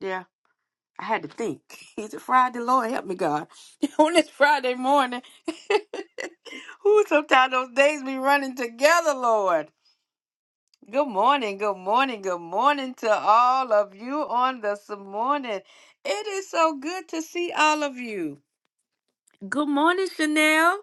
Yeah, I had to think. It's a Friday, Lord help me, God. On this Friday morning, who sometimes those days be running together, Lord. Good morning, good morning, good morning to all of you on this morning. It is so good to see all of you. Good morning, Chanel.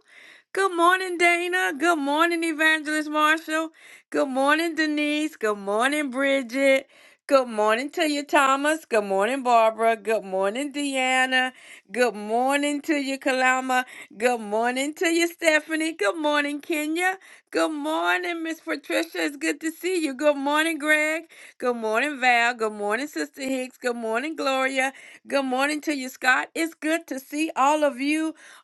Good morning, Dana. Good morning, Evangelist Marshall. Good morning, Denise. Good morning, Bridget. Good morning to you, Thomas. Good morning, Barbara. Good morning, Deanna. Good morning to you, Kalama. Good morning to you, Stephanie. Good morning, Kenya. Good morning, Miss Patricia. It's good to see you. Good morning, Greg. Good morning, Val. Good morning, Sister Hicks. Good morning, Gloria. Good morning to you, Scott. It's good to see all of you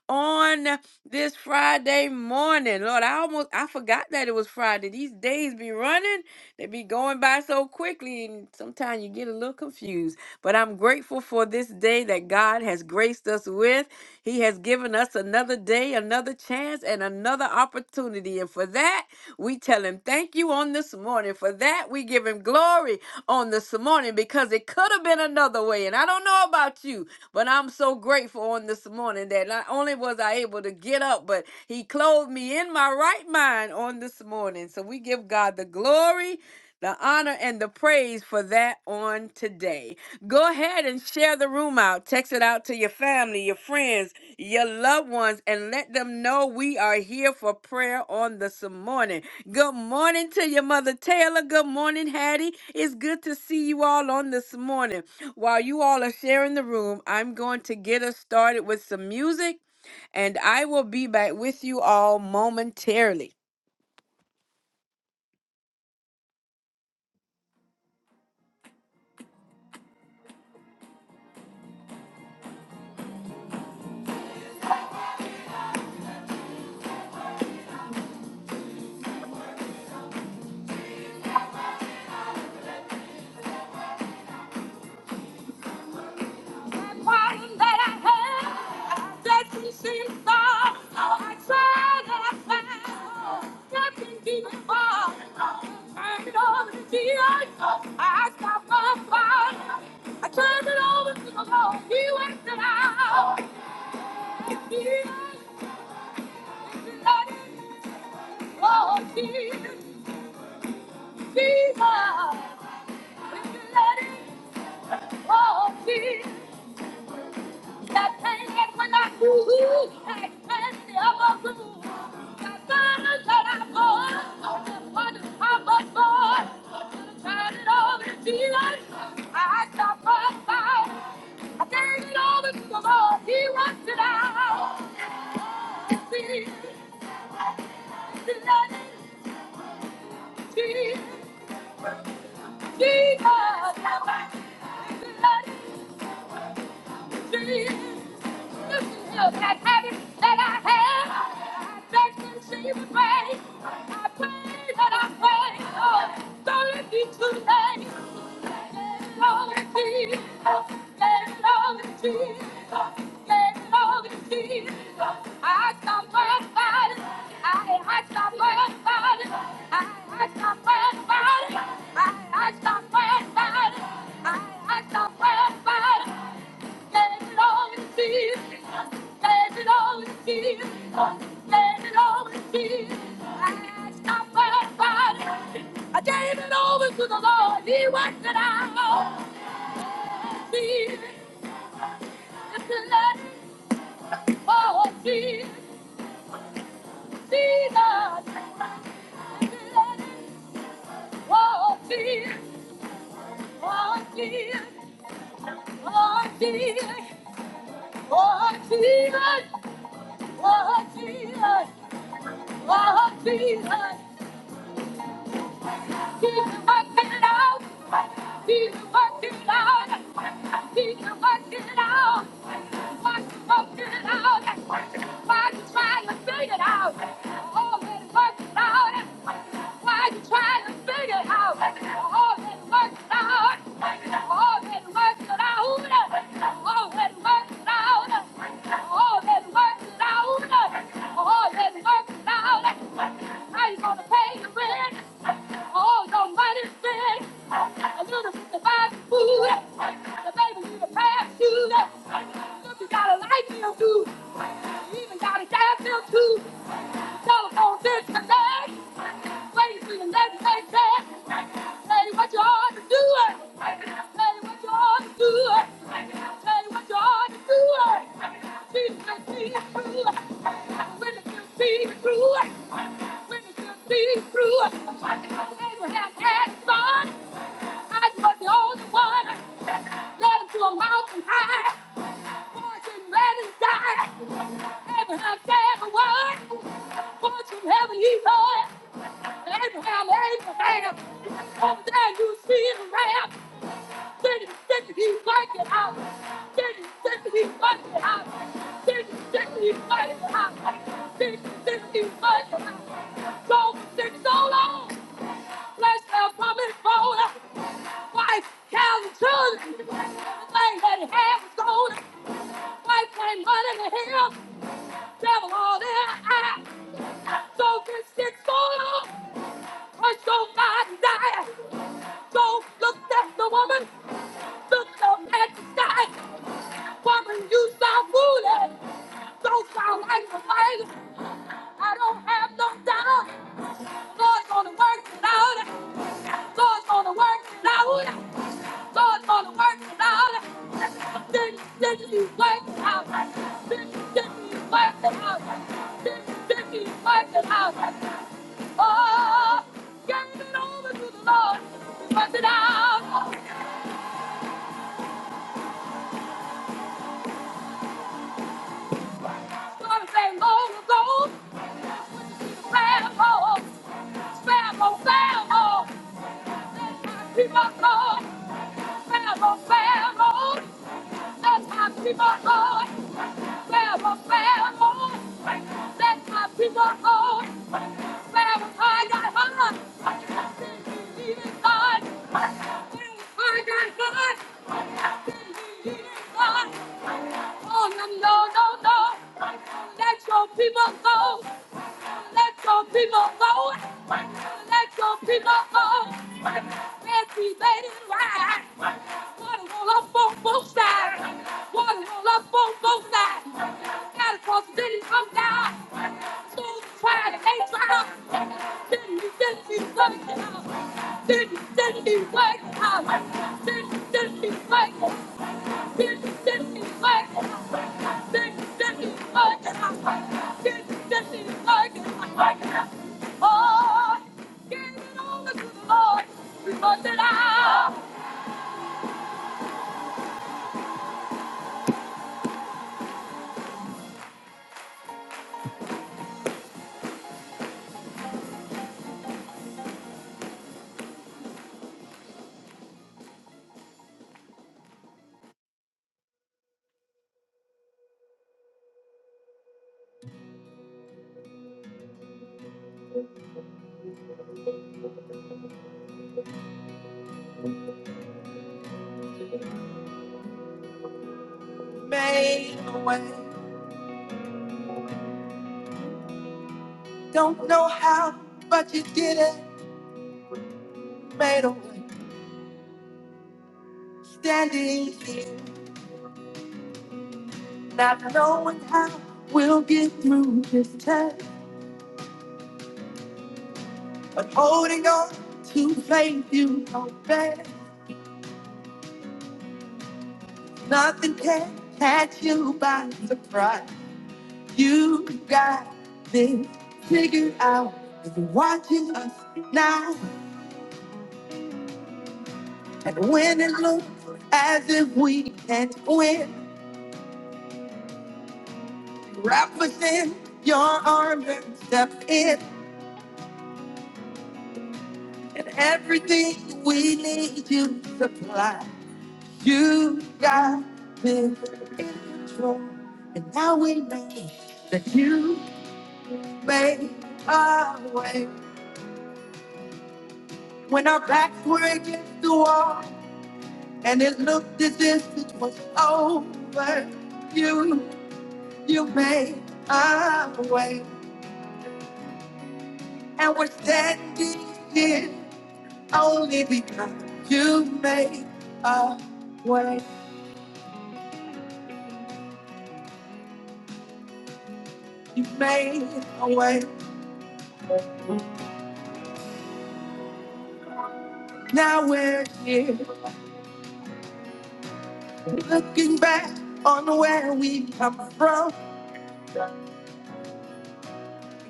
on this Friday morning. Lord, I almost I forgot that it was Friday. These days be running, they be going by so quickly, and sometimes you get a little confused. But I'm grateful for this day that God has graced us with. He has given us another day, another chance, and another opportunity. And for that, we tell him thank you on this morning. For that, we give him glory on this morning because it could have been another way. And I don't know about you, but I'm so grateful on this morning that not only was I able to get up, but He clothed me in my right mind on this morning. So we give God the glory. The honor and the praise for that on today. Go ahead and share the room out. Text it out to your family, your friends, your loved ones, and let them know we are here for prayer on this morning. Good morning to your mother, Taylor. Good morning, Hattie. It's good to see you all on this morning. While you all are sharing the room, I'm going to get us started with some music, and I will be back with you all momentarily. That problem that I had, I didn't seem to solve. I tried and I failed, nothing deep involved. Turned it over to Jesus, I stopped my fight. I turned it over to the Lord, He went it out. Jesus, let it go, Jesus, with the blood of Jesus, that pain that pain I gotta the fire that I bore, the body I was born, I turned it over to Jesus. I stopped my fire. I gave it over to the Lord. He wants it out. Jesus, Jesus, Jesus, Jesus. the blood of That habit that I had, I begged and she would pray. I prayed and I prayed, oh, don't it be too late. Let it all in Jesus, let it all in Jesus, let it all in Jesus. I got my body, I, I got my body, I, I got my body, I, I got my body, I, I got my body. Let it all in Jesus. Let it all in Jesus. Let it all in Jesus. I stopped my body. I gave it over to the Lord. He worked it out. Jesus, just to let it all Jesus. Jesus, just let it all Jesus. Oh, Jesus. Oh, Jesus. Oh, Jesus. Oh, Jesus. Oh, Jesus. Try to figure it out. Oh, let it worked out. Why you try to figure out all that works out? All that works out. All that works out. All that works out. All that works out. How you gonna pay your rent? All your money spent. A little bit to buy food. The baby need a parachute. Look, you got to like them too. You even got to gas them too. Telephone disconnect. Waiting for your next paycheck. Tell you what you ought to do. it. Tell you what you ought to do. it. Tell you what you ought to do. it. Jesus can see you through. it. Witness can see you through. it. Witness can see you through. it. Abraham had a son. I was the only one. Led him to a mountain high. Fortune let him die. Abraham said a word. Fortune heaven he heard. Abraham, Abraham, come down, you see Abraham. Did it, did he like it out. Did it, did he like it out. Did it, did he like it out. Did it, did he like it out. So, did it so long. Bless her from his phone. Wife, cows, and children. Everything that he had was gold. Wife came running to him. Devil all their eyes. So, this six so long. Punch your God die. So looked at the woman, looked up at the sky. Woman, you sound foolish. Don't sound like the light. I don't have no doubt. Lord's gonna work it out. Lord's gonna work it out. Lord's gonna work it out. Didn't, didn't he work it out? Didn't, didn't he work it out? Didn't, didn't he work it out? Oh, give it over to the Lord. He worked it out. Gonna say long ago. Family, family, family. That's how People go. family, family. That's how people go. family, family. That's how people go. family. I got hurt. Did you need it, God? Family, I got hurt. I didn't believe in God. Oh, no, no, no, no. Let your people go let your people go. Let your people go. Yes, he made it right. Water roll up on both sides. Water roll up on both sides. Gotta cross the city, come down. So try to ain't trial. Didn't you, didn't you, didn't you, didn't you, Made a way. Don't know how, but you did it. Made a way. Standing here, not knowing how we'll get through this test. But holding on to faith you know best. Nothing can catch you by surprise. You got this figured out. You're watching us now. And when it looks as if we can't win, wrap us in your arms and step in. And everything we need you supply. You got this in control. And now we know that you made a way. When our backs were against the wall, And it looked as if it was over. You, you made a way. And we're standing here only because you made a way. You made a way. Now we're here looking back on where we come from.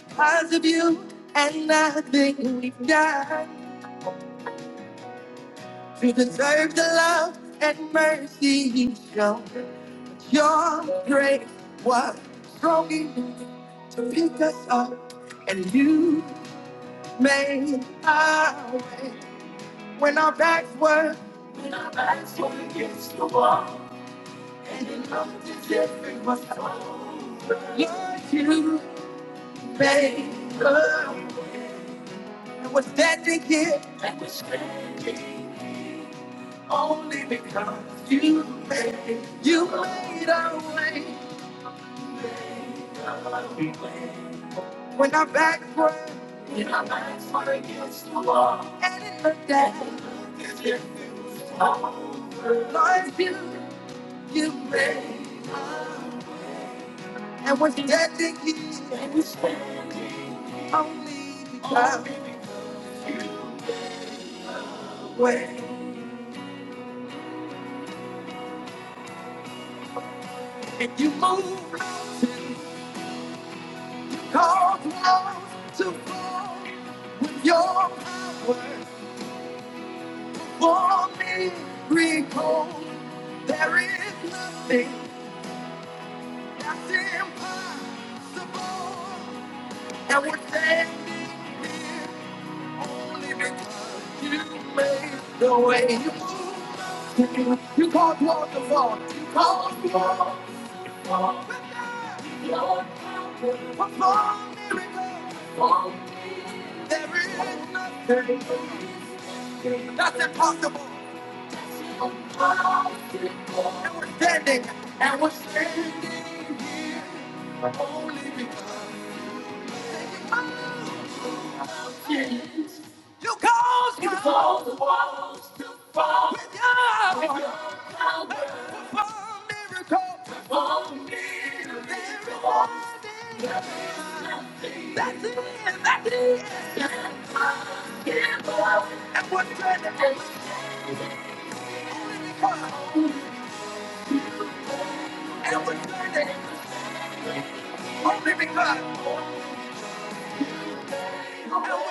Because of you and nothing we've done to deserve the love and mercy you show. Your grace was strong enough to pick us up, and you made our way when our backs were and in no different was over. Lord, you made love, and we're standing here only because you made you made our way when our backs were and in the day. Lord, you you made, and we're standing here. Only because of way and you move mountains, cause walls to fall with your power. For me, recall there is nothing that's impossible, and we're standing here only because you made the way. You move mountains, you cause walls to fall, you cause walls to fall. There is nothing that's impossible. And we're standing. And we're standing. You caused You caused the walls. With your with miracle. There is nothing that's it. That's it. And we're standing. And we're standing. Only because. And we're standing. Only because. And I don't know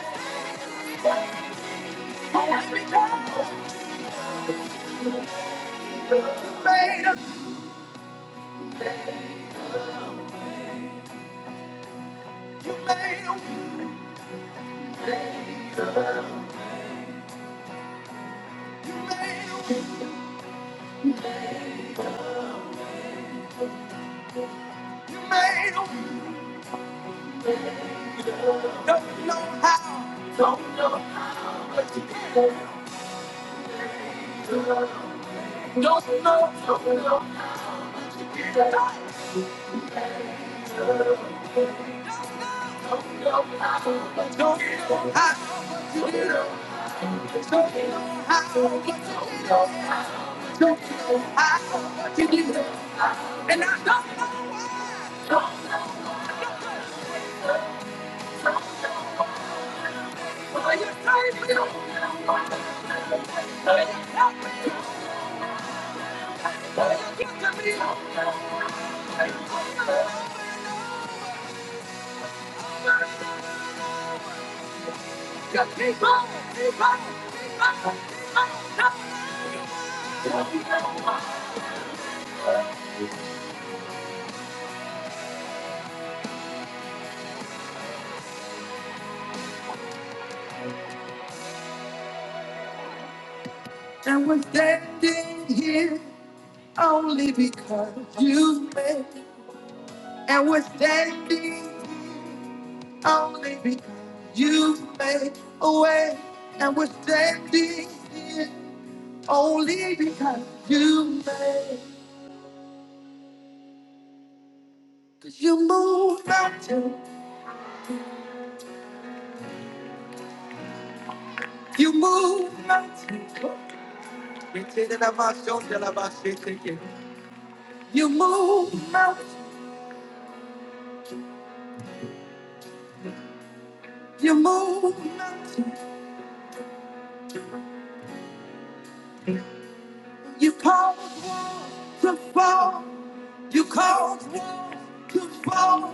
why. Just keep on, keep on. And we're standing here only because you made. And we're standing only because you made a way. And we're standing here Only because you made. Cause you move mountains. You move mountains. You take it out my shoulder, out my shit, take it. You move mountains. You move mountains. You called walls to fall. You called walls to fall.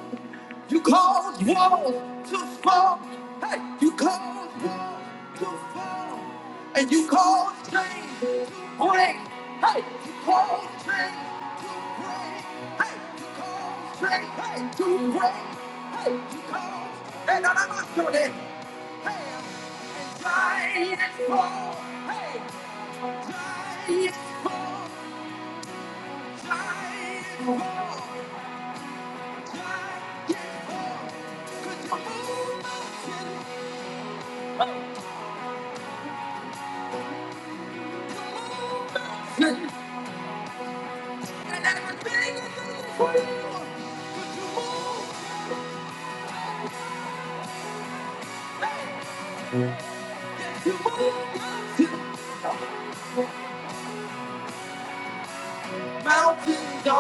You called walls to fall. Hey, you called walls to fall. And you called chains to break. Hey, you called chains to break. Hey, you called chains hey, to break. Hey, you called. And I'm not doing it. Hey, giants fall. Hey, giants fall. Mountains are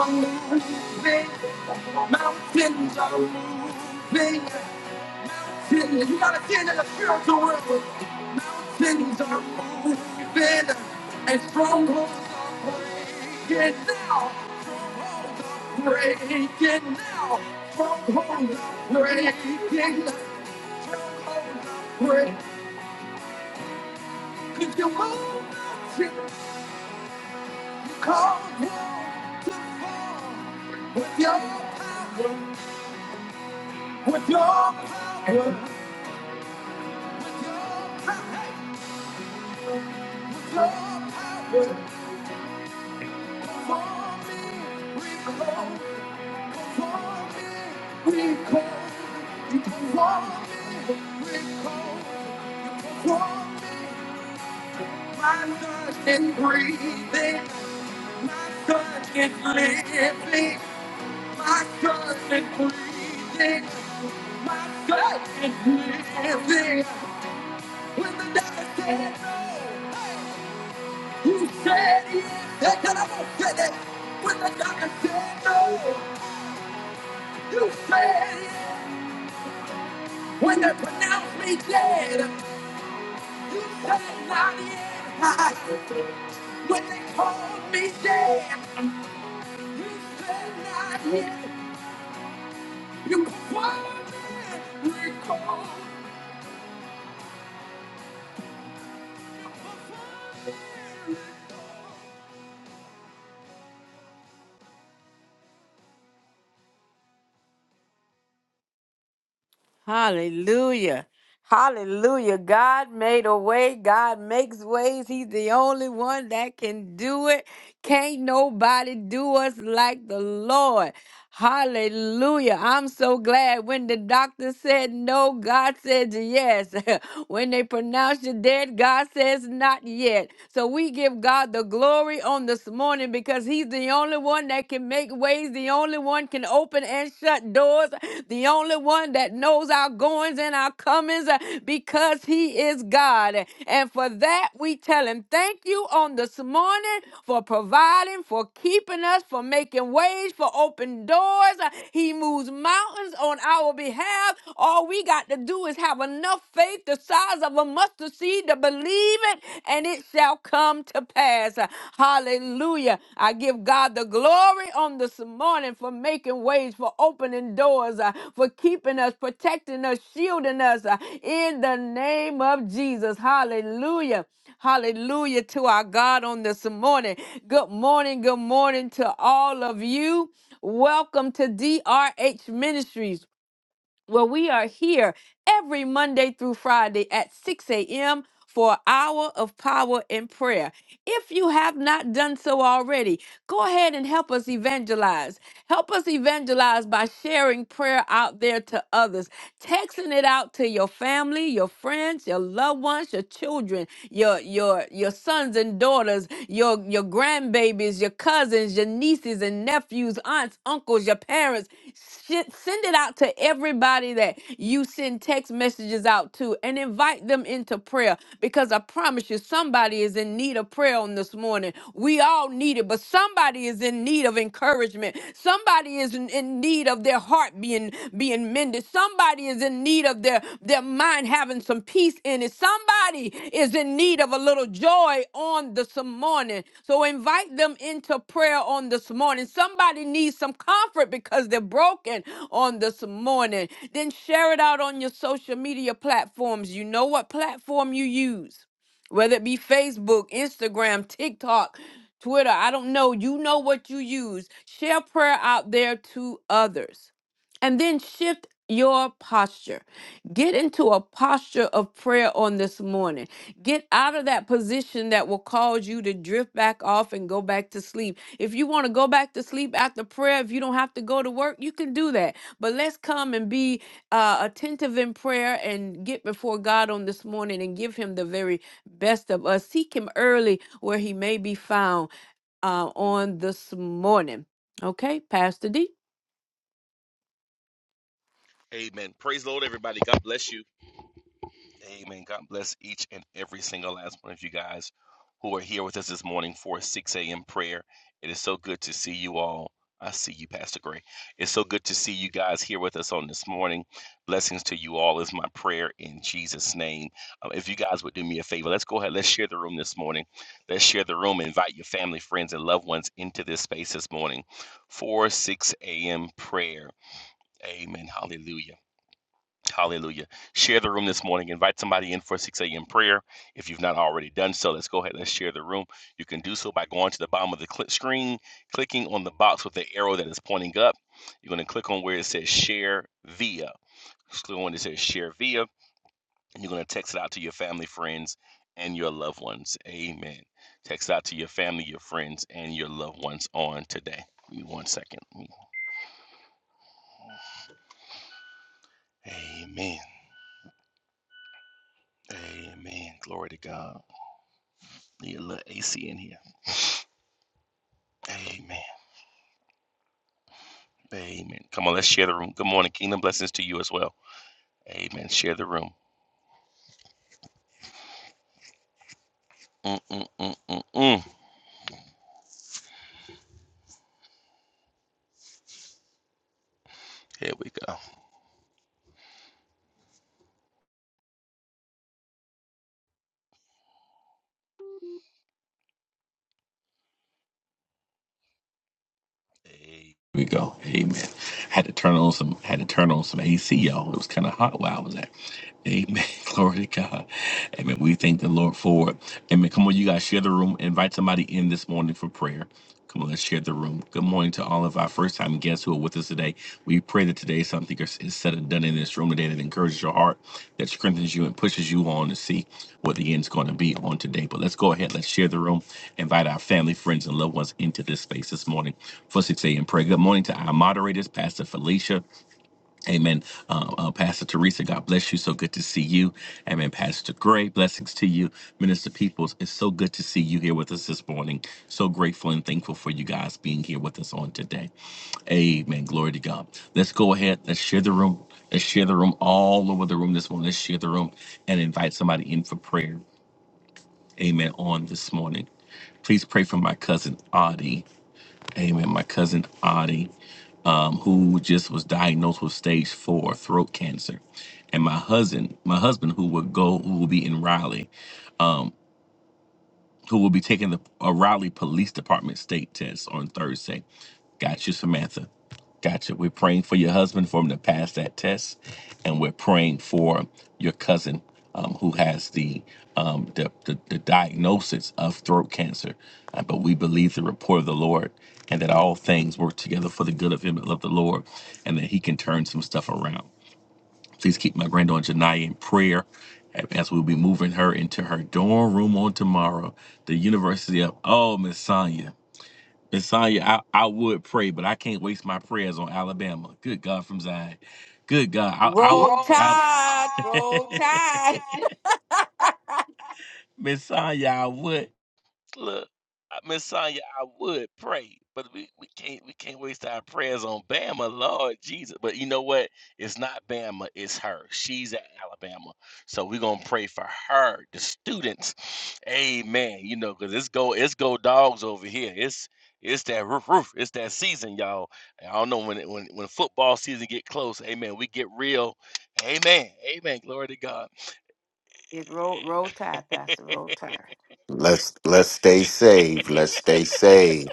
moving, mountains are moving. Mountains, you gotta stand in the spiritual realm. Mountains are moving and strongholds are breaking now. Strongholds are breaking now. Strongholds are breaking now. Break. Could you move mountains? Cause walls to fall with your power, with your power, with your power. With your power. And breathing, my God is living, my God is breathing, my God is living. When the doctor said no, you said yes. That kind of said it. When the doctor said no, you said yes. When they pronounced me dead, you said not yet. When they called me dead, you said not yet. You confirmed it. Recall. Hallelujah. Hallelujah. God made a way. God makes ways. He's the only one that can do it. Can't nobody do us like the Lord. Hallelujah. I'm so glad when the doctor said no, God said yes. when they pronounced you dead, God says not yet. So we give God the glory on this morning because He's the only one one that can make ways, the only one can open and shut doors, the only one that knows our goings and our comings uh, because he is God. And for that, we tell him thank you on this morning for providing, for keeping us, for making ways, for open doors. Uh, He moves mountains on our behalf. All we got to do is have enough faith the size of a mustard seed to believe believe it, and it shall come to pass. Hallelujah. I give God the glory on this morning for making ways, for opening doors, uh, for keeping us, protecting us, shielding us uh, in the name of Jesus. Hallelujah. Hallelujah to our God on this morning. Good morning. Good morning to all of you. Welcome to DRH Ministries. Well, we are here every Monday through Friday at 6 a.m. for an hour of power and prayer. If you have not done so already, go ahead and help us evangelize. Help us evangelize by sharing prayer out there to others, texting it out to your family, your friends, your loved ones, your children, your your your sons and sons and daughters, your, your grandbabies, your cousins, your nieces and nephews, aunts, uncles, your parents. Shit, send it out to everybody that you send text messages out to and invite them into prayer because I promise you, somebody is in need of prayer on this morning. We all need it, but somebody is in need of encouragement. Somebody is in in need of their their heart being being mended. Somebody is in need of their their mind having some peace in it. Somebody is in need of a little joy on this morning. So invite them into prayer on this morning. Somebody needs some comfort because they're broken on this morning. Then share it out on your social media platforms. You know what platform you use whether it be Facebook, Instagram, TikTok, Twitter, I don't know. You know what you use. Share prayer out there to others. And then shift your posture. Get into a posture of prayer on this morning. Get out of that position that will cause you to drift back off and go back to sleep. If you want to go back to sleep after prayer, if you don't have to go to work, you can do that. But let's come and be uh, attentive in prayer and get before God on this morning and give Him the very best of us. Seek Him early where He may be found uh, on this morning. Okay, Pastor D. lead my granddaughter Janai in prayer as we'll be moving her into her dorm room on tomorrow. The University of Oh Miss Roll Tide. tide, Roll roll Tide. It's roll, roll Tide, Pastor. Roll Tide. Let's let's stay safe. Let's stay safe.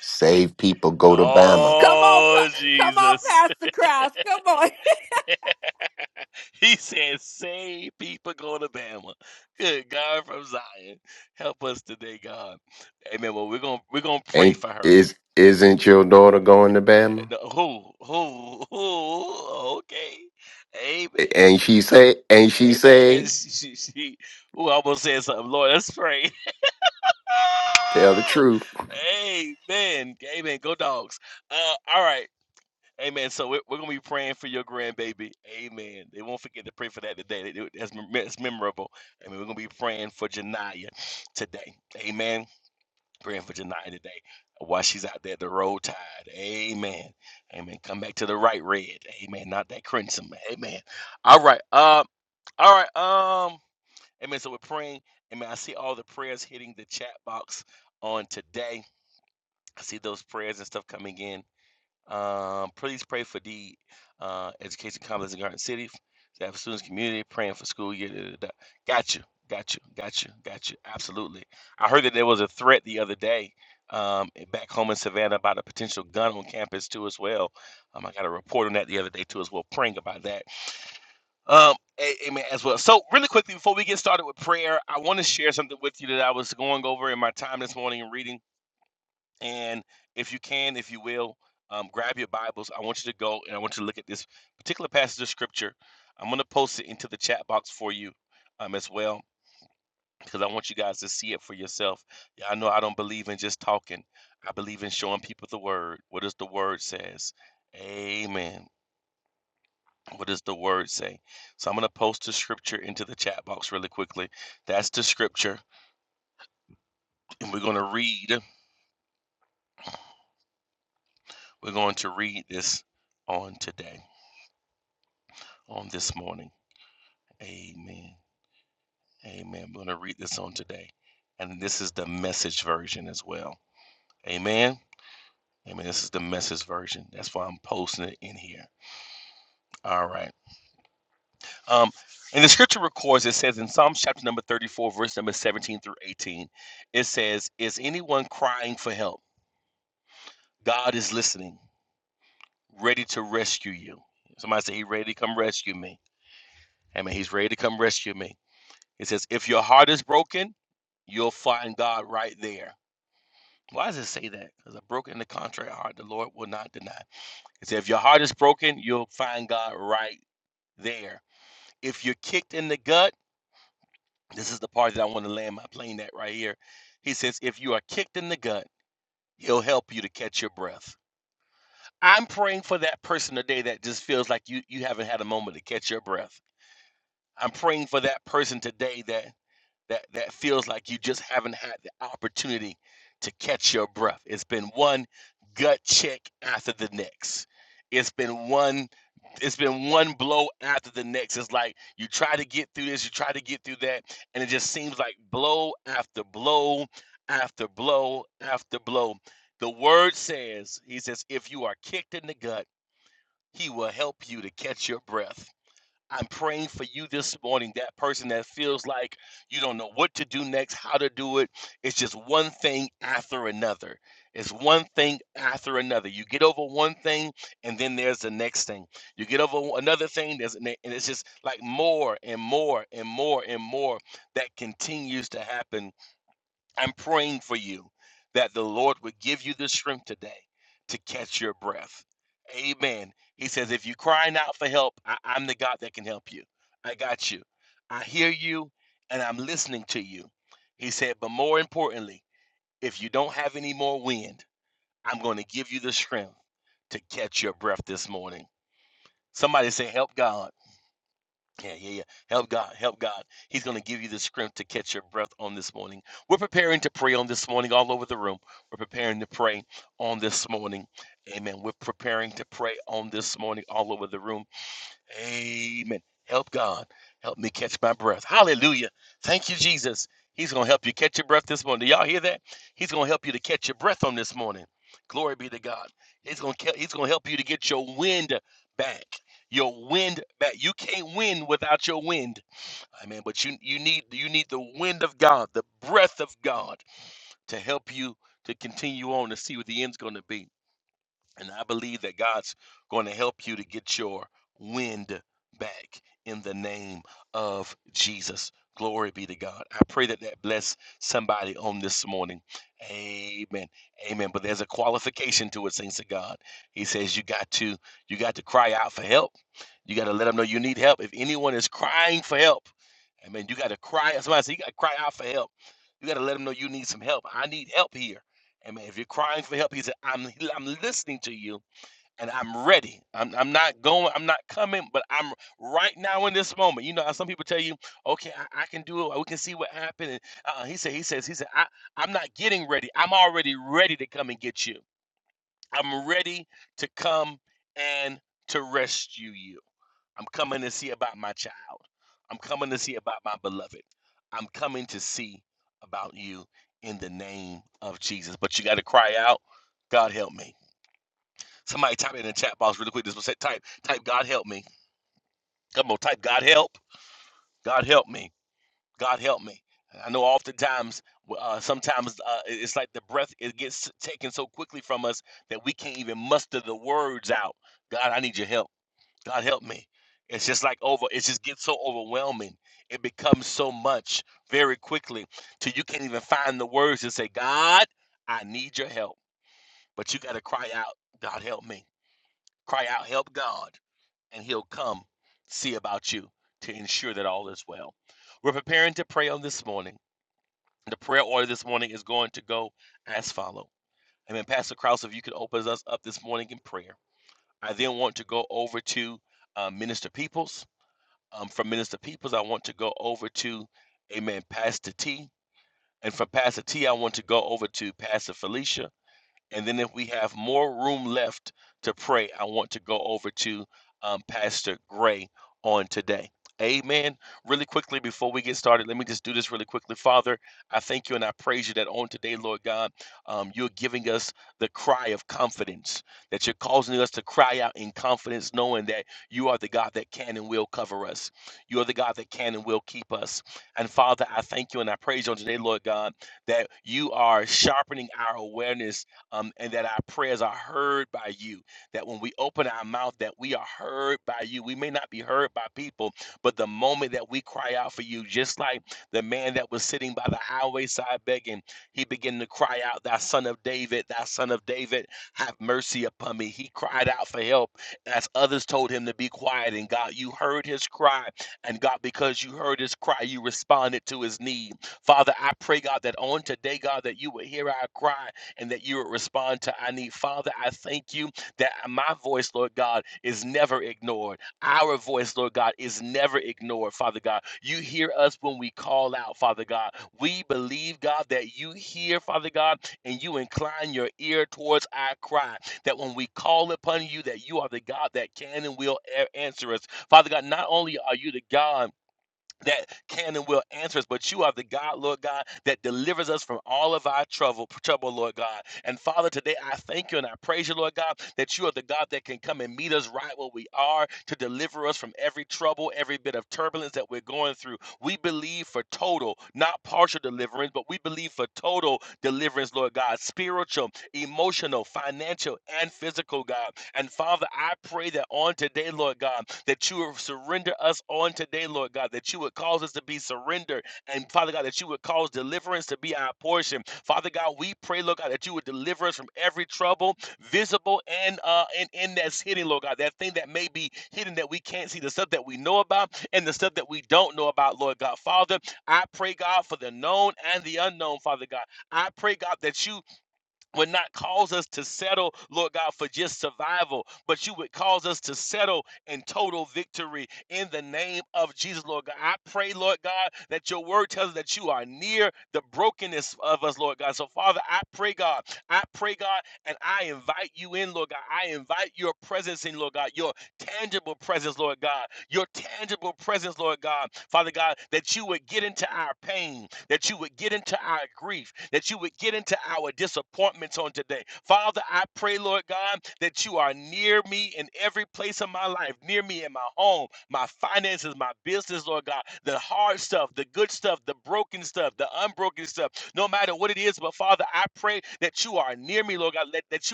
Save people. Go to Bama. Come on, Pa- come on, Pastor Kraus. Come on. Ain't is isn't your daughter going to Bama? And she say, and she say, tell the truth.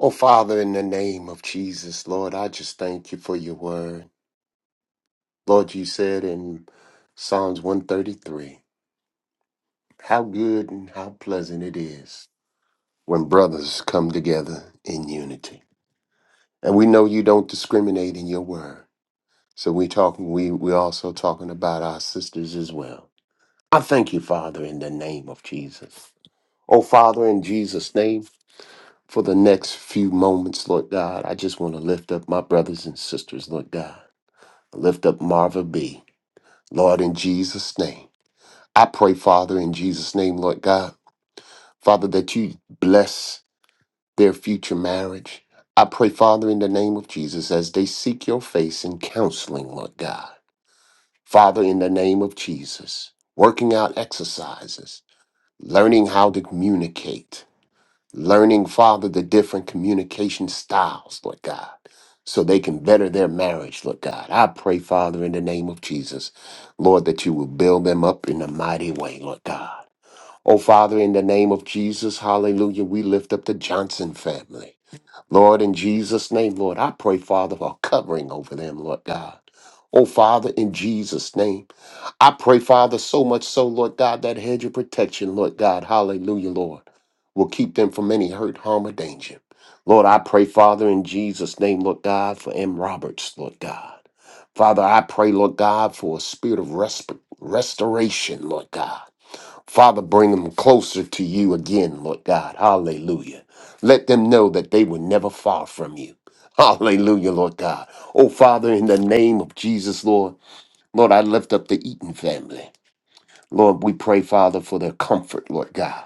Oh Father, in the name of Jesus, Lord, I just thank you for your word. Lord, you said in Psalms one thirty three, how good and how pleasant it is when brothers come together in unity. And we know you don't discriminate in your word. So we talking we we also talking about our sisters as well. I thank you, Father, in the name of Jesus. Oh Father, in Jesus' name, for the next few moments, Lord God, I just want to lift up my brothers and sisters, Lord God. Lift up Marva B. Lord, in Jesus' name. I pray, Father, in Jesus' name, Lord God, Father, that you bless their future marriage. I pray, Father, in the name of Jesus, as they seek your face in counseling, Lord God. Father, in the name of Jesus, working out exercises, learning how to communicate, learning, Father, the different communication styles, Lord God, so they can better their marriage, Lord God. I pray, Father, in the name of Jesus, Lord, that you will build them up in a mighty way, Lord God. Oh, Father, in the name of Jesus, hallelujah, we lift up the Johnson family. Lord, in Jesus' name, Lord, I pray, Father, for covering over them, Lord God. Oh, Father, in Jesus' name. I pray, Father, so much so, Lord God, that hedge of protection, Lord God, hallelujah, Lord, will keep them from any hurt, harm, or danger. Lord, I pray, Father, in Jesus' name, Lord God, for M. Roberts, Lord God. Father, I pray, Lord God, for a spirit of resp- restoration, Lord God. Father, bring them closer to you again, Lord God. Hallelujah. Let them know that they were never far from you. Hallelujah, Lord God. Oh, Father, in the name of Jesus, Lord, Lord, I lift up the Eaton family. Lord, we pray, Father, for their comfort, Lord God.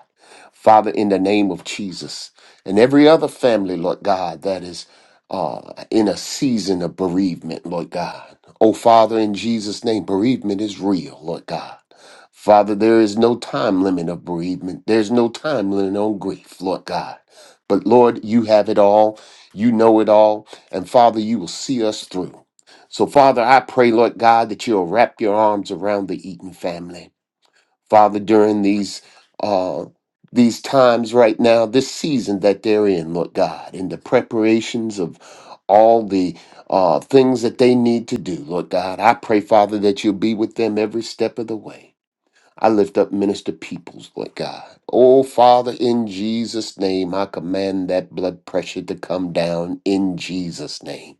Father, in the name of Jesus and every other family, Lord God, that is uh, in a season of bereavement, Lord God. Oh, Father, in Jesus' name, bereavement is real, Lord God. Father, there is no time limit of bereavement. There's no time limit on grief, Lord God. But Lord, you have it all. You know it all. And Father, you will see us through. So, Father, I pray, Lord God, that you'll wrap your arms around the Eaton family. Father, during these uh, these times right now, this season that they're in, Lord God, in the preparations of all the uh, things that they need to do, Lord God, I pray, Father, that you'll be with them every step of the way. I lift up minister peoples, Lord God. Oh, Father, in Jesus' name, I command that blood pressure to come down in Jesus' name.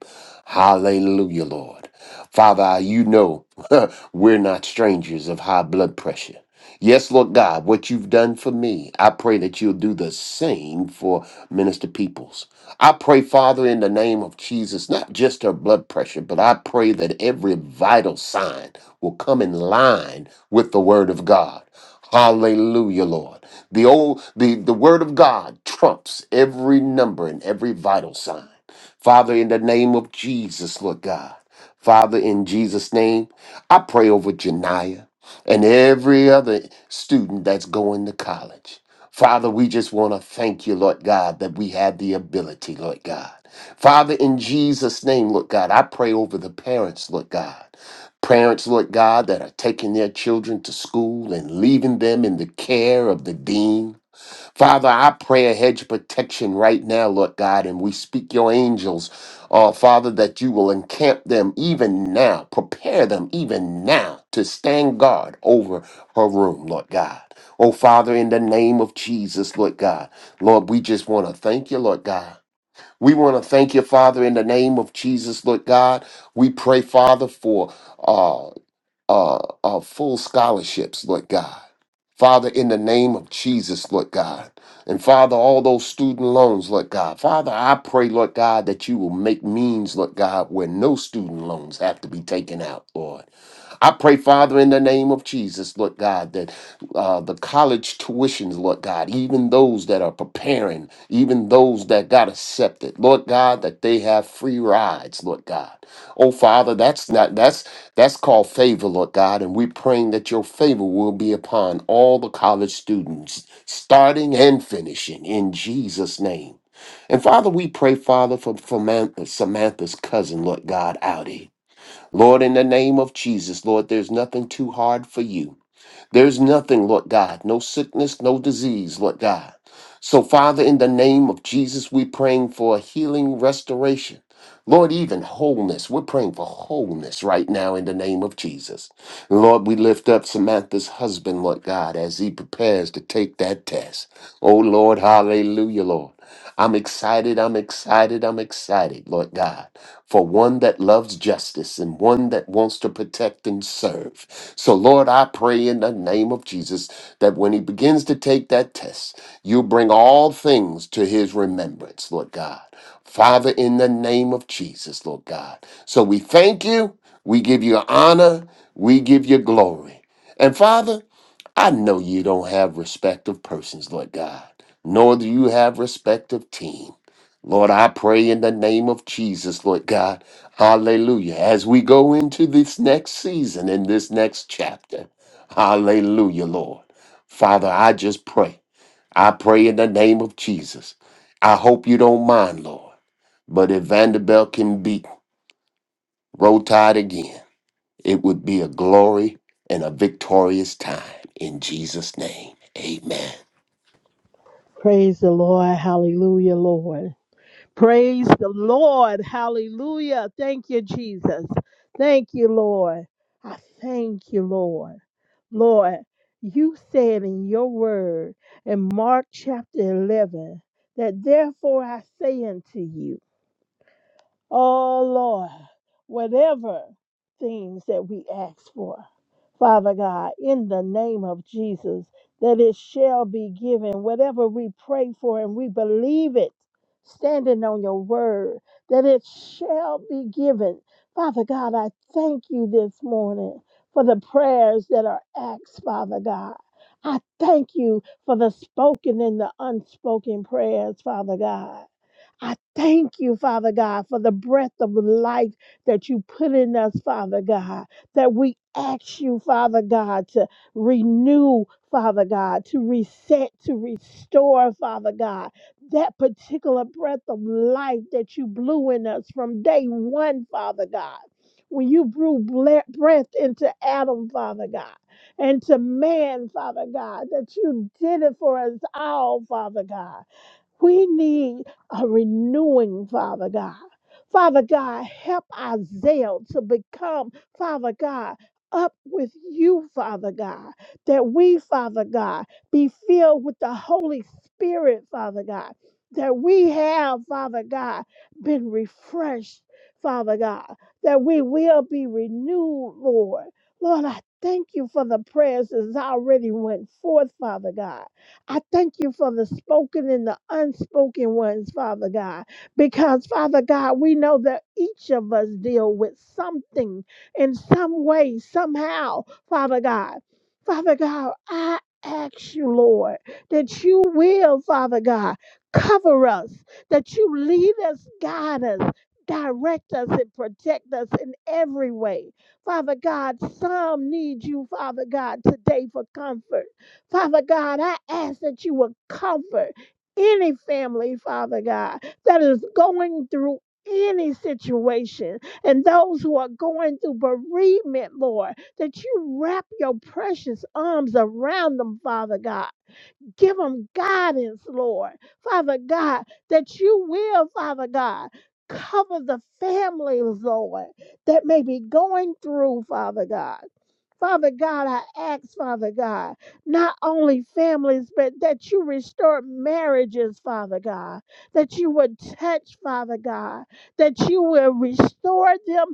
Hallelujah, Lord. Father, you know we're not strangers of high blood pressure. Yes, Lord God, what you've done for me, I pray that you'll do the same for Minister Peoples. I pray, Father, in the name of Jesus, not just her blood pressure, but I pray that every vital sign will come in line with the word of God. Hallelujah, Lord. The old the, the word of God trumps every number and every vital sign. Father, in the name of Jesus, Lord God. Father, in Jesus' name, I pray over Janiah and every other student that's going to college. Father, we just want to thank you, Lord God, that we have the ability, Lord God. Father, in Jesus' name, Lord God, I pray over the parents, Lord God. Parents, Lord God, that are taking their children to school and leaving them in the care of the dean. Father, I pray a hedge of protection right now, Lord God, and we speak your angels, uh, Father, that you will encamp them even now, prepare them even now to stand guard over her room, Lord God. Oh, Father, in the name of Jesus, Lord God, Lord, we just want to thank you, Lord God. We want to thank you, Father, in the name of Jesus, Lord God. We pray, Father, for. uh, uh, uh, full scholarships, Lord God. Father, in the name of Jesus, Lord God. And Father, all those student loans, Lord God. Father, I pray, Lord God, that you will make means, Lord God, where no student loans have to be taken out, Lord. I pray, Father, in the name of Jesus, Lord God, that uh, the college tuitions, Lord God, even those that are preparing, even those that got accepted, Lord God, that they have free rides, Lord God. Oh Father, that's not that's that's called favor, Lord God, and we're praying that your favor will be upon all the college students, starting and finishing, in Jesus' name. And Father, we pray, Father, for, for Man- Samantha's cousin, Lord God, Audi. Lord, in the name of Jesus, Lord, there's nothing too hard for you. There's nothing, Lord God, no sickness, no disease, Lord God. So, Father, in the name of Jesus, we're praying for healing, restoration. Lord, even wholeness. We're praying for wholeness right now in the name of Jesus. Lord, we lift up Samantha's husband, Lord God, as he prepares to take that test. Oh, Lord, hallelujah, Lord. I'm excited, I'm excited, I'm excited, Lord God, for one that loves justice and one that wants to protect and serve. So, Lord, I pray in the name of Jesus that when he begins to take that test, you bring all things to his remembrance, Lord God. Father, in the name of Jesus, Lord God. So we thank you, we give you honor, we give you glory. And Father, I know you don't have respect of persons, Lord God, nor do you have respect of team. Lord, I pray in the name of Jesus, Lord God. Hallelujah. As we go into this next season and this next chapter, hallelujah, Lord. Father, I just pray. I pray in the name of Jesus. I hope you don't mind, Lord. But if Vanderbilt can beat, roll tide again. It would be a glory and a victorious time. In Jesus' name, amen. Praise the Lord. Hallelujah, Lord. Praise the Lord. Hallelujah. Thank you, Jesus. Thank you, Lord. I thank you, Lord. Lord, you said in your word in Mark chapter 11 that therefore I say unto you, Oh Lord, whatever things that we ask for, Father God, in the name of Jesus, that it shall be given. Whatever we pray for and we believe it, standing on your word, that it shall be given. Father God, I thank you this morning for the prayers that are asked, Father God. I thank you for the spoken and the unspoken prayers, Father God. I thank you, Father God, for the breath of life that you put in us, Father God, that we ask you, Father God, to renew, Father God, to reset, to restore, Father God, that particular breath of life that you blew in us from day one, Father God. When you blew ble- breath into Adam, Father God, and to man, Father God, that you did it for us all, Father God. We need a renewing, Father God. Father God, help our zeal to become, Father God, up with you, Father God, that we, Father God, be filled with the Holy Spirit, Father God, that we have, Father God, been refreshed, Father God, that we will be renewed, Lord. Lord, I thank you for the prayers that's already went forth, Father God. I thank you for the spoken and the unspoken ones, Father God, because, Father God, we know that each of us deal with something in some way, somehow, Father God. Father God, I ask you, Lord, that you will, Father God, cover us, that you lead us, guide us. Direct us and protect us in every way. Father God, some need you, Father God, today for comfort. Father God, I ask that you would comfort any family, Father God, that is going through any situation and those who are going through bereavement, Lord, that you wrap your precious arms around them, Father God Give them guidance, Lord. Father God, that you will, Father God, cover the families, Lord, that may be going through, Father God. Father God, I ask, Father God, not only families, but that you restore marriages, Father God, that you would touch, Father God, that you will restore them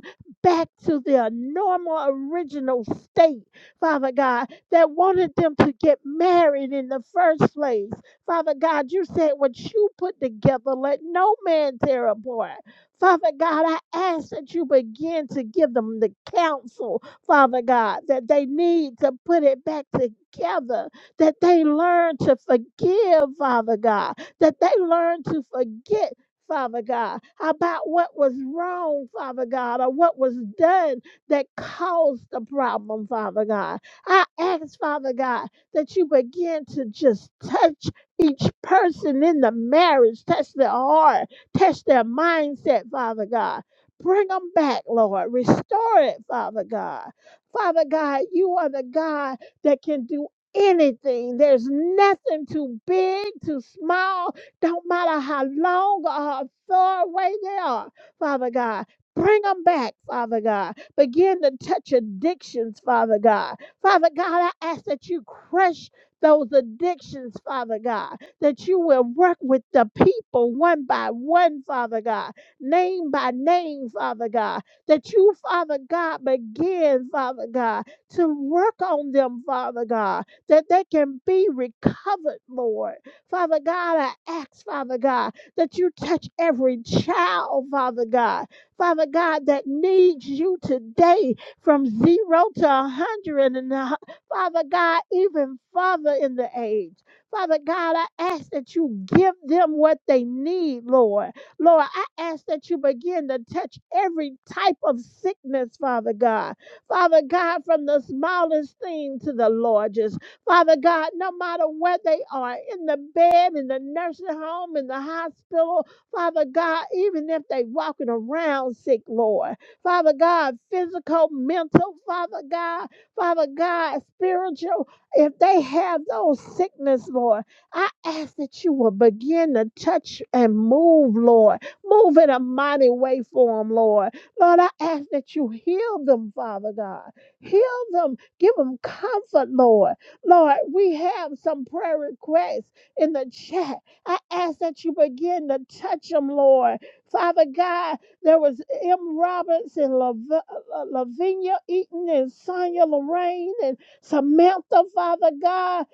back to their normal, original state, Father God, that wanted them to get married in the first place. Father God, you said what you put together, let no man tear apart. Father God, I ask that you begin to give them the counsel, Father God, that they need to put it back together, that they learn to forgive, Father God, that they learn to forget. Father God, about what was wrong, Father God, or what was done that caused the problem, Father God. I ask, Father God, that you begin to just touch each person in the marriage, touch their heart, touch their mindset, Father God. Bring them back, Lord. Restore it, Father God. Father God, you are the God that can do anything. There's nothing too big, too small. Don't matter how long or how far away they are, Father God. Bring them back, Father God. Begin to touch addictions, Father God Father God, I ask that you crush those addictions, Father God, that you will work with the people one by one, Father God, name by name, Father God, that you, Father God, begin, Father God, to work on them, Father God, that they can be recovered, Lord. Father God, I ask, Father God, that you touch every child, Father God, Father God, that needs you today, from zero to a hundred and a Father God, even further in the age. Father God, I ask that you give them what they need, Lord. Lord, I ask that you begin to touch every type of sickness, Father God. Father God, from the smallest thing to the largest. Father God, no matter where they are, in the bed, in the nursing home, in the hospital, Father God, even if they walking around sick, Lord. Father God, physical, mental, Father God, Father God, spiritual. If they have those sickness, Lord, I ask that you will begin to touch and move, Lord. Move in a mighty way for them, Lord. Lord, I ask that you heal them, Father God. Heal them. Give them comfort, Lord. Lord, we have some prayer requests in the chat. I ask that you begin to touch them, Lord. Father God, there was M. Roberts and Lav- uh, uh, Lavinia Eaton and Sonia Lorraine and Samantha, Father God,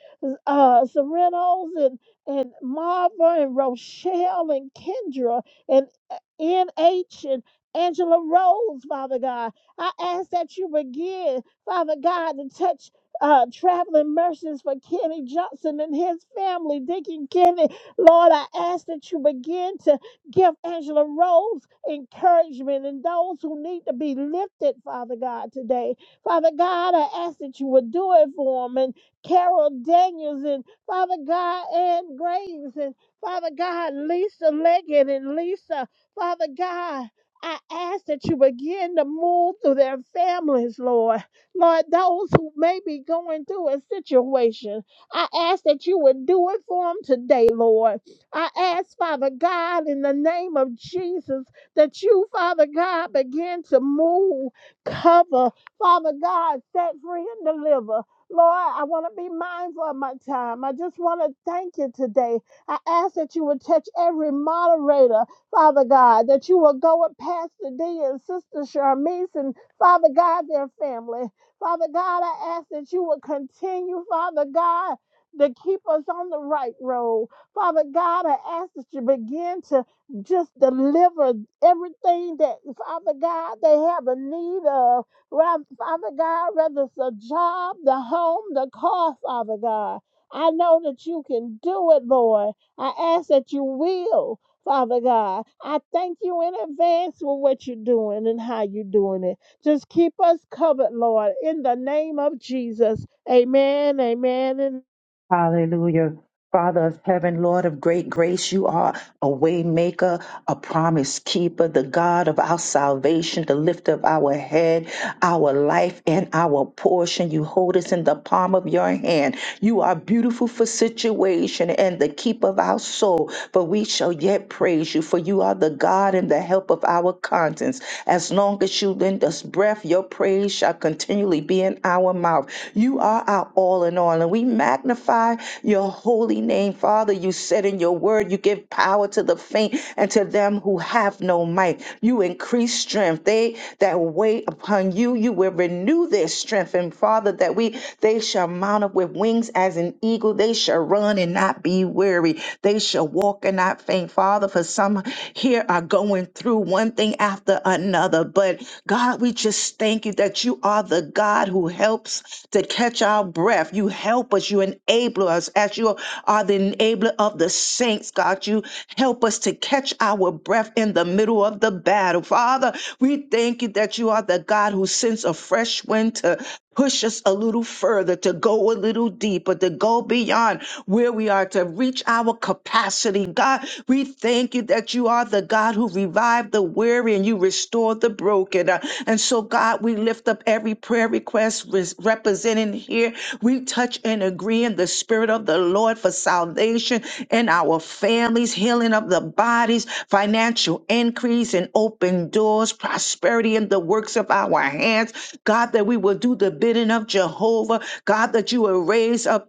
uh, Serenos and, and Marva and Rochelle and Kendra and uh, N.H. and Angela Rose, Father God. I ask that you begin, Father God, to touch uh, traveling mercies for Kenny Johnson and his family, Deacon Kenny. Lord, I ask that you begin to Give Angela Rose encouragement and those who need to be lifted, Father God, today. Father God, I ask that you would do it for them. And Carol Daniels and Father God, Ann Graves and Father God, Lisa Leggett and Lisa. Father God, I ask that you begin to move through their families, Lord. Lord, those who may be going through a situation, I ask that you would do it for them today, Lord. I ask, Father God, in the name of Jesus, that you, Father God, begin to move, cover, Father God, set free and deliver. Lord, I want to be mindful of my time. I just want to thank you today. I ask that you would touch every moderator, Father God, that you will go with Pastor D and Sister Charmise and Father God, their family. Father God, I ask that you would continue, Father God, to keep us on the right road. Father God, I ask that you begin to just deliver everything that, Father God, they have a need of. Ra- Father God, whether it's a job, the home, the car, Father God. I know that you can do it, Lord. I ask that you will, Father God. I thank you in advance for what you're doing and how you're doing it. Just keep us covered, Lord, in the name of Jesus. Amen, amen, and Hallelujah. Father of heaven, Lord of great grace, you are a way maker, a promise keeper, the God of our salvation, the lift of our head, our life, and our portion. You hold us in the palm of your hand. You are beautiful for situation and the keep of our soul, but we shall yet praise you, for you are the God and the help of our conscience. As long as you lend us breath, your praise shall continually be in our mouth our mouth. You are our all in all. And we magnify your holy name, Father. You said in your word, you give power to the faint and to them who have no might. You increase strength. They that wait upon you, you will renew their strength. And Father, that we they shall mount up with wings as an eagle. They shall run and not be weary. They shall walk and not faint. Father, for some here are going through one thing after another another. But God, we just thank you that you are the God who helps to catch our breath. You help us, you enable us as you are the enabler of the saints, God. You help us to catch our breath in the middle of the battle. Father, we thank you that you are the God who sends a fresh wind to push us a little further, to go a little deeper, to go beyond where we are, to reach our capacity. God, we thank you that you are the God who revived the weary and you restored the broken. Uh, And so, God, we lift up every prayer request res- represented here here. We touch and agree in the Spirit of the Lord for salvation in our families, healing of the bodies, financial increase and open doors, prosperity in the works of our hands. God, that we will do the bidding of Jehovah. God, that you will raise up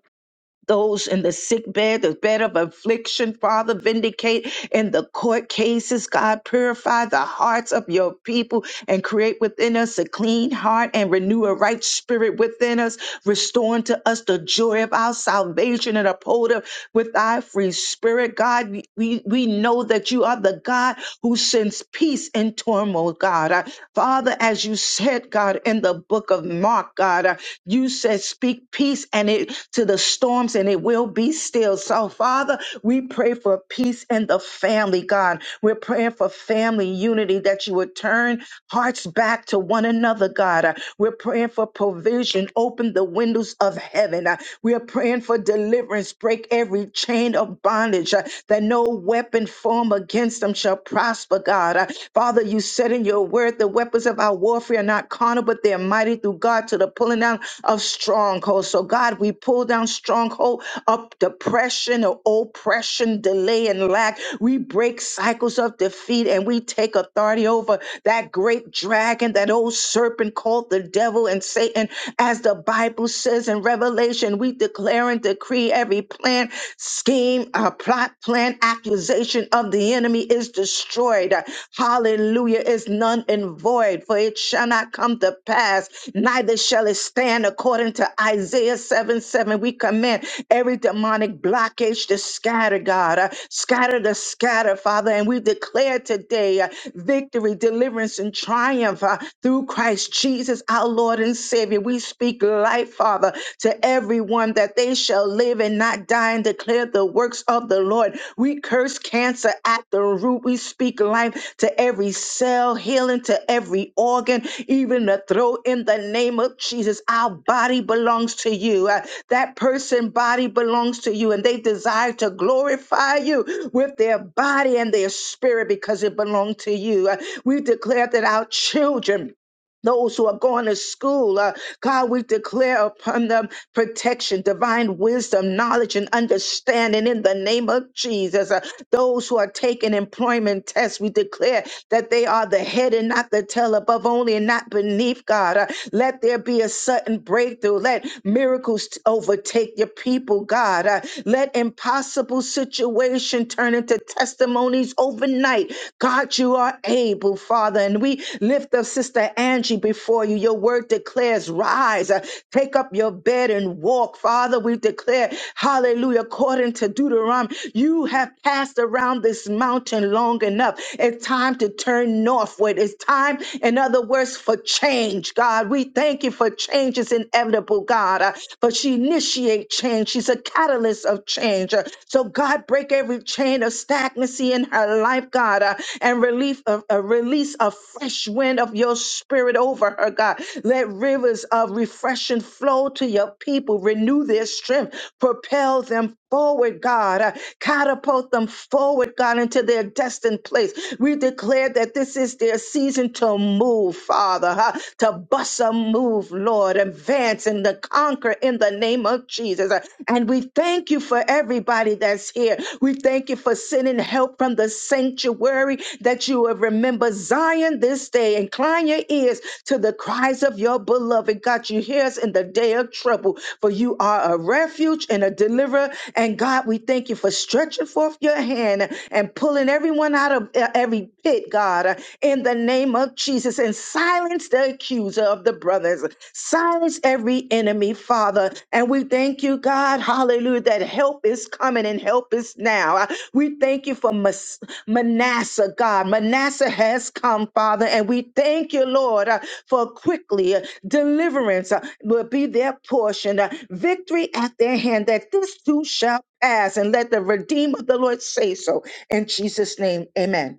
those in the sick bed, the bed of affliction, Father, vindicate in the court cases, God, purify the hearts of your people and create within us a clean heart and renew a right spirit within us, restore unto us the joy of our salvation and uphold us with thy free spirit. God, we, we know that you are the God who sends peace in turmoil, God. Uh, Father, as you said, God, in the book of of Mark, God. Uh, You said, speak peace and it to the storms and it will be still. So, Father, we pray for peace in the family, God. We're praying for family unity that you would turn hearts back to one another, God. Uh, We're praying for provision. Open the windows of heaven. Uh, We are praying for deliverance. Break every chain of bondage uh, that no weapon formed against them shall prosper, God. Uh, Father, you said in your word, the weapons of our warfare are not carnal, but they're mighty through God to the pulling down of strongholds. So, God, we pull down stronghold of depression or oppression, delay, and lack. We break cycles of defeat and we take authority over that great dragon, that old serpent called the devil and Satan. As the Bible says in Revelation, we declare and decree every plan, scheme, uh, plot, plan, accusation of the enemy is destroyed. Hallelujah is none and void, for it shall not come to pass, neither shall it stand according to Isaiah 7 7. We command every demonic blockage to scatter, God, uh, scatter the scatter, Father. And we declare today uh, victory, deliverance, and triumph uh, through Christ Jesus, our Lord and Savior. We speak life, Father, to everyone that they shall live and not die and declare the works of the Lord. We curse cancer at the root. We speak life to every cell, healing to every organ, even the throat in the name of Jesus. Our body belongs to you. Uh, that person body belongs to you and they desire to glorify you with their body and their spirit because it belonged to you. Uh, we declare that our children those who are going to school. Uh, God, we declare upon them protection, divine wisdom, knowledge, and understanding in the name of Jesus. Uh, those who are taking employment tests, we declare that they are the head and not the tail, above only and not beneath, God. Uh, let there be a sudden breakthrough. Let miracles t- overtake your people, God. Uh, let impossible situation turn into testimonies overnight. God, you are able, Father, and we lift up Sister Angie energy before you. Your word declares, rise, uh, take up your bed and walk. Father, we declare, hallelujah, according to Deuteronomy, you have passed around this mountain long enough. It's time to turn northward. It's time, in other words, for change, God. We thank you for change is inevitable, God, uh, but she initiates change. She's a catalyst of change. Uh, so, God, break every chain of stagnancy in her life, God, uh, and relief of, a release a fresh wind of your spirit it over her, God. Let rivers of refreshing flow to your people, renew their strength, propel them forward, God, Uh, catapult them forward, God, into their destined place. We declare that this is their season to move, Father, huh? to bust a move, Lord, advance and to conquer in the name of Jesus. Uh, And we thank you for everybody that's here. We thank you for sending help from the sanctuary that you have remember Zion this day. Incline your ears to the cries of your beloved. God, you hear us in the day of trouble, for you are a refuge and a deliverer. And God, we thank you for stretching forth your hand and pulling everyone out of uh, every pit, God, uh, in the name of Jesus, and silence the accuser of the brothers. Silence every enemy, Father. And we thank you, God, hallelujah, that help is coming and help is now. Uh, We thank you for Mas- Manasseh, God. Manasseh has come, Father, and we thank you, Lord. uh, for quickly uh, deliverance uh, will be their portion, uh, victory at their hand, that this too shall pass. And let the Redeemer of the Lord say so. In Jesus' name, amen.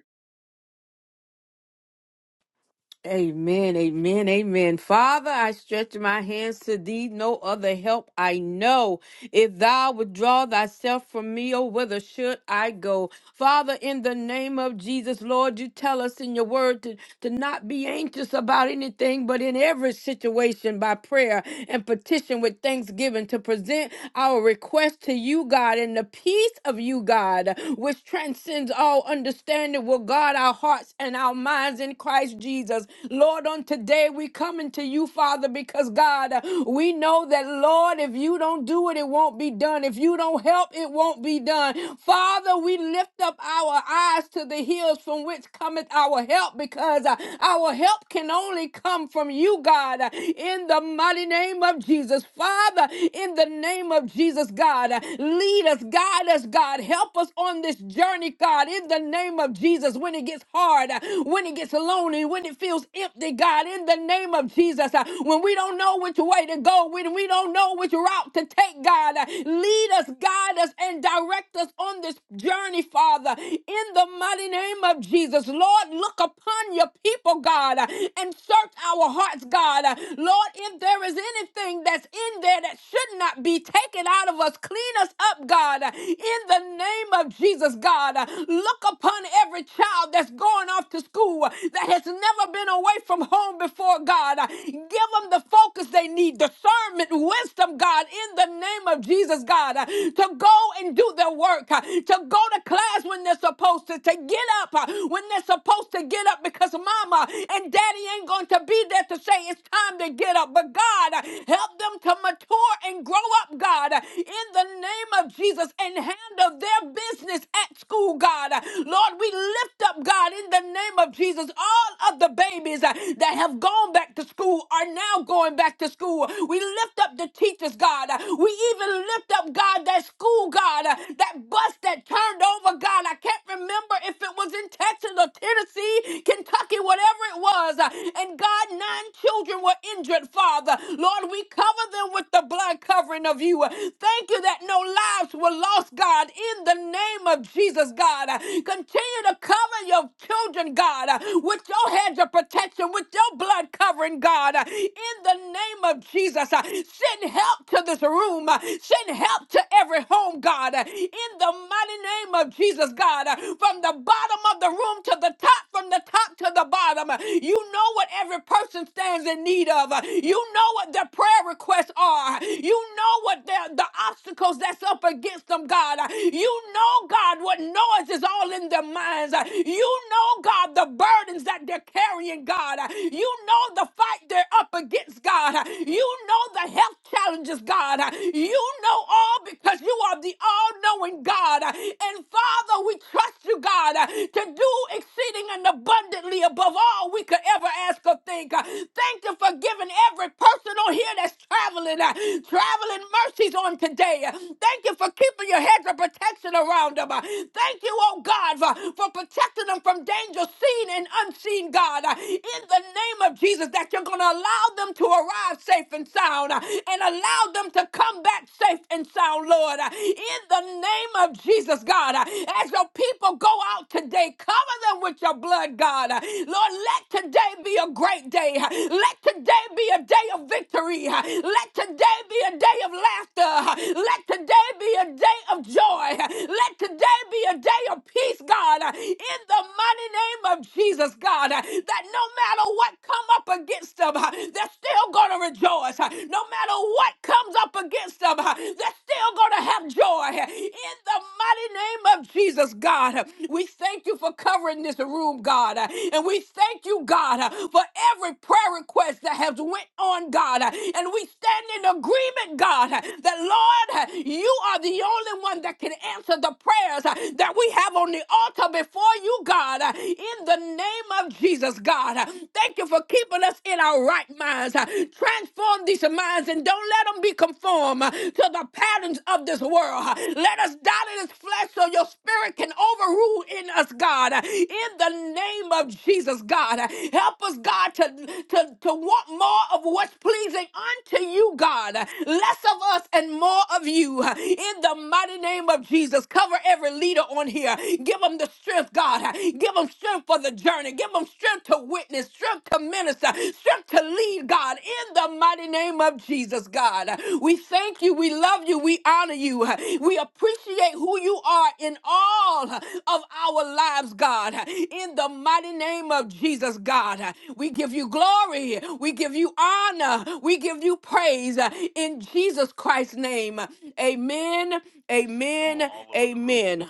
Amen, amen, amen. Father, I stretch my hands to thee, no other help I know. If thou withdraw thyself from me, oh, whither should I go? Father, in the name of Jesus, Lord, you tell us in your word to, to not be anxious about anything, but in every situation by prayer and petition with thanksgiving to present our request to you, God, and the peace of you, God, which transcends all understanding, will guard our hearts and our minds in Christ. Jesus. Lord, on today we coming to you, Father, because God, uh, we know that, Lord, if you don't do it, it won't be done. If you don't help, it won't be done. Father, we lift up our eyes to the hills from which cometh our help because uh, our help can only come from you, God, uh, in the mighty name of Jesus. Father, in the name of Jesus, God, uh, lead us, guide us, God, help us on this journey, God, in the name of Jesus. When it gets hard, uh, when it gets lonely, alone and when it feels empty, God, in the name of Jesus, uh, when we don't know which way to go, when we don't know which route to take, God, uh, lead us, guide us, and direct us on this journey, Father, in the mighty name of Jesus. Lord, look upon your people, God, uh, and search our hearts, God. Uh, Lord, if there is anything that's in there that should not be taken out of us, clean us up, God, uh, in the name of Jesus, God. Uh, Look upon every child that's going off to school, you that has never been away from home before, God. Give them the focus they need, discernment, wisdom, God, in the name of Jesus, God, to go and do their work, to go to class when they're supposed to, to get up when they're supposed to get up because mama and daddy ain't going to be there to say it's time to get up. But God, help them to mature and grow up, God, in the name of Jesus and handle their business at school, God. Lord, we lift up, God, in the name name of Jesus, all of the babies uh, that have gone back to school are now going back to school. We lift up the teachers, God. Uh, We even lift up, God, that school, God, uh, that bus that turned over, God. I can't remember if it was in Texas or Tennessee, Kentucky, whatever it was. Uh, And God, nine children were injured, Father. Lord, we cover them with the blood covering of you. Uh, Thank you that no lives were lost, God, in the name of Jesus, God. Uh, Continue to cover your children, God, uh, with your hedge of protection, with your blood covering, God, uh, in the name of Jesus. uh, Send help to this room, uh, send help to every home, God, uh, in the mighty name of Jesus, God, uh, from the bottom of the room to the top, from the top to the bottom. uh, You know what every person stands in need of, uh, you know what their prayer requests are, you know what their, the obstacles that's up against them, God. Uh, You know, God, what noise is all in their minds. Uh, You you know, God, the burdens that they're carrying, God. You know the fight they're up against, God. You know the health challenges, God. You know all because you are the all knowing God. And Father, we trust you, God, to do exceeding and abundantly above all we could ever ask or think. Thank you for giving every person on here that's traveling, uh, traveling mercies on today. Thank you for keeping your heads of protection around them. Thank you, oh God, for, for protecting them from danger seen and unseen, God. Uh, In the name of Jesus, that you're going to allow them to arrive safe and sound uh, and allow them to come back safe and sound, Lord. Uh, In the name of Jesus, God, uh, as your people go out today, cover them with your blood, God. Uh, Lord, let today be a great day. Uh, Let today be a day of victory. Uh, Let today be a day of laughter. Uh, Let today be a day of joy. Uh, Let today be a day of peace, God. God, uh, in the mighty name of Jesus, God, uh, that no matter what come up against them, uh, they're still going to rejoice. uh, No matter what comes up against them, uh, they're still going to have joy. uh, In the mighty name of Jesus, God, uh, we thank you for covering this room, God, uh, and we thank you, God, uh, for every prayer request conquest that have went on, God. And we stand in agreement, God, that Lord, you are the only one that can answer the prayers that we have on the altar before you, God. In the name of Jesus, God. Thank you for keeping us in our right minds. Transform these minds and don't let them be conformed to the patterns of this world. Let us die to this flesh flesh so your spirit can overrule in us, God. In the name of Jesus, God. Help us, God, to, to, to want more of what's pleasing unto you, God. Less of us and more of you. In the mighty name of Jesus, cover every leader on here. Give them the strength, God. Give them strength for the journey. Give them strength to witness, strength to minister, strength to lead God, in the mighty name of Jesus, God. We thank you, we love you, we honor you. We appreciate who you are in all of our lives, God. In the mighty name of Jesus, God. We give you glory, we give you honor, we give you praise in Jesus Christ's name. Amen, amen, amen.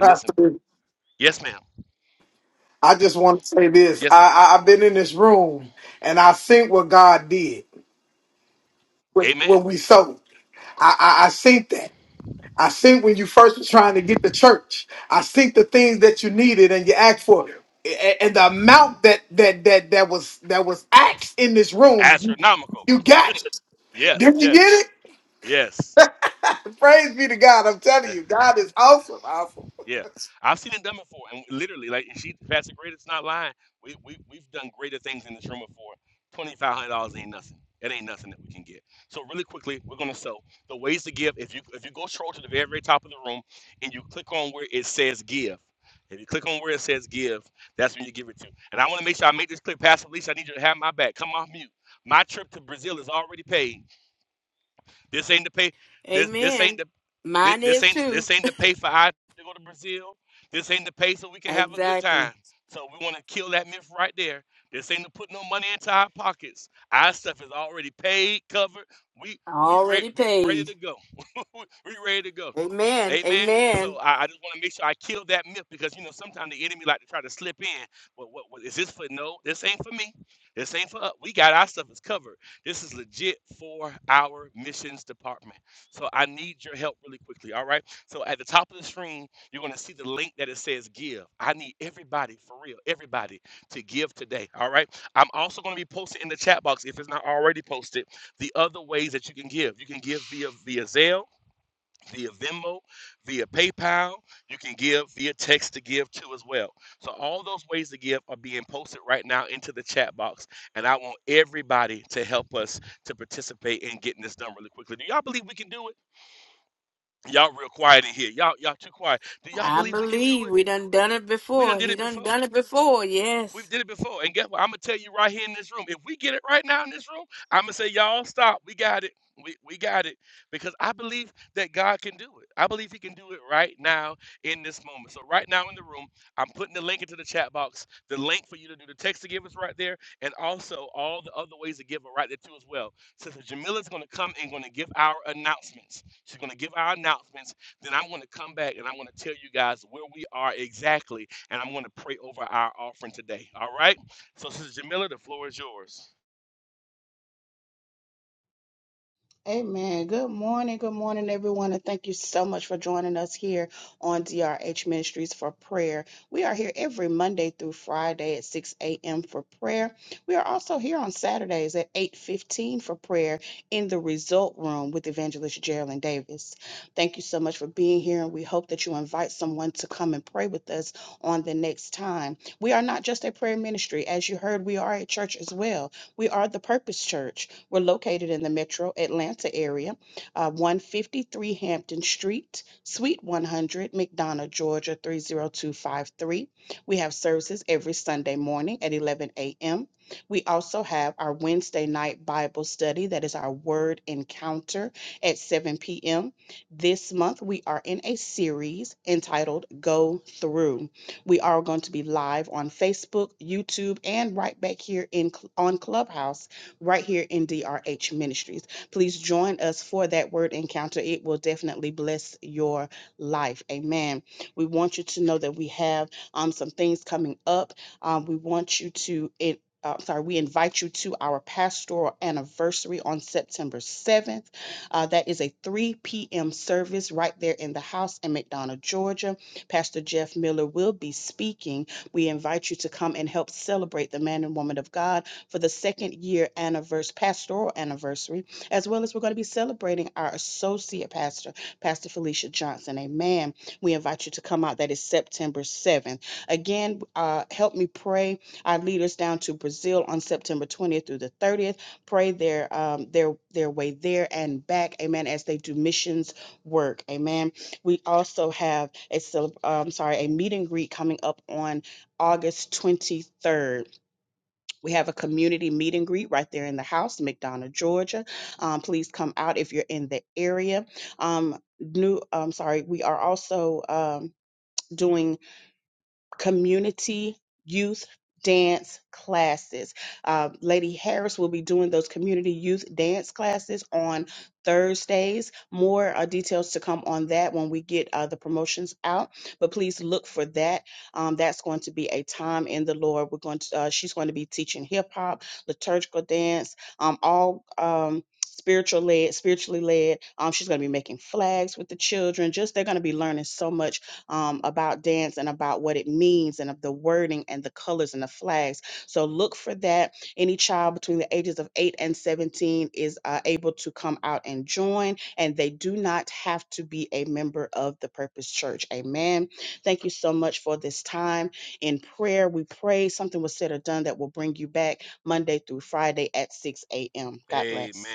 Pastor, I just want to say this. I, I I've been in this room and I think what God did when when we sold. I I, I think that. I think when you first was trying to get the church, I think the things that you needed and you asked for, a- and the amount that that that that was that was asked in this room, you you got it. Did you get it? Praise be to God. I'm telling you, God is awesome. Awesome. Amen. Mine is too. Exactly. Already paid. Amen. Amen. I believe we done done it before. He done done it before. Yes. Amen. Good morning. Good morning, everyone. And thank you so much for joining us here on DRH Ministries for Prayer. We are here every Monday through Friday at 6 a.m. for prayer. We are also here on Saturdays at 8.15 for prayer in the Result Room with Evangelist Geraldine Davis. Thank you so much for being here. And we hope that you invite someone to come and pray with us on the next time. We are not just a prayer ministry. As you heard, we are a church as well. We are the Purpose Church. We're located in the metro Atlanta area, uh, 153 Hampton Street, Suite 100, McDonough, Georgia 30253. We have services every Sunday morning at 11 a.m. We also have our Wednesday night Bible study, that is our word encounter at 7 p.m. This month, we are in a series entitled Go Through. We are going to be live on Facebook, YouTube, and right back here in on Clubhouse right here in DRH Ministries. Please join us for that word encounter. It will definitely bless your life. Amen. We want you to know that we have um, some things coming up. Um, we want you to. It, uh, sorry, we invite you to our pastoral anniversary on September 7th. Uh, that is a 3 p.m. service right there in the house in McDonough, Georgia. Pastor Jeff Miller will be speaking. We invite you to come and help celebrate the man and woman of God for the second year anniversary, pastoral anniversary, as well as we're going to be celebrating our associate pastor, Pastor Felicia Johnson. Amen. We invite you to come out. That is September 7th. Again, uh, help me pray our leaders down to Brazil on September 20th through the 30th. Pray their um, their their way there and back. Amen. As they do missions work. Amen. We also have a um, sorry a meet and greet coming up on August 23rd we have a community meet and greet right there in the house, McDonough, Georgia. Um, please come out if you're in the area. Um, new, I'm sorry, we are also um, doing community youth dance classes. Uh, Lady Harris will be doing those community youth dance classes on Thursdays. More uh, details to come on that when we get uh, the promotions out, but please look for that. Um, that's going to be a time in the Lord. We're going to, uh, she's going to be teaching hip hop, liturgical dance, um, all. Um, Spiritual led, spiritually led. Um, she's going to be making flags with the children. Just they're going to be learning so much um, about dance and about what it means and of the wording and the colors and the flags. So look for that. Any child between the ages of 8 and 17 is uh, able to come out and join, and they do not have to be a member of the Purpose Church. Amen. Thank you so much for this time in prayer. We pray something was said or done that will bring you back Monday through Friday at 6 a.m. God bless.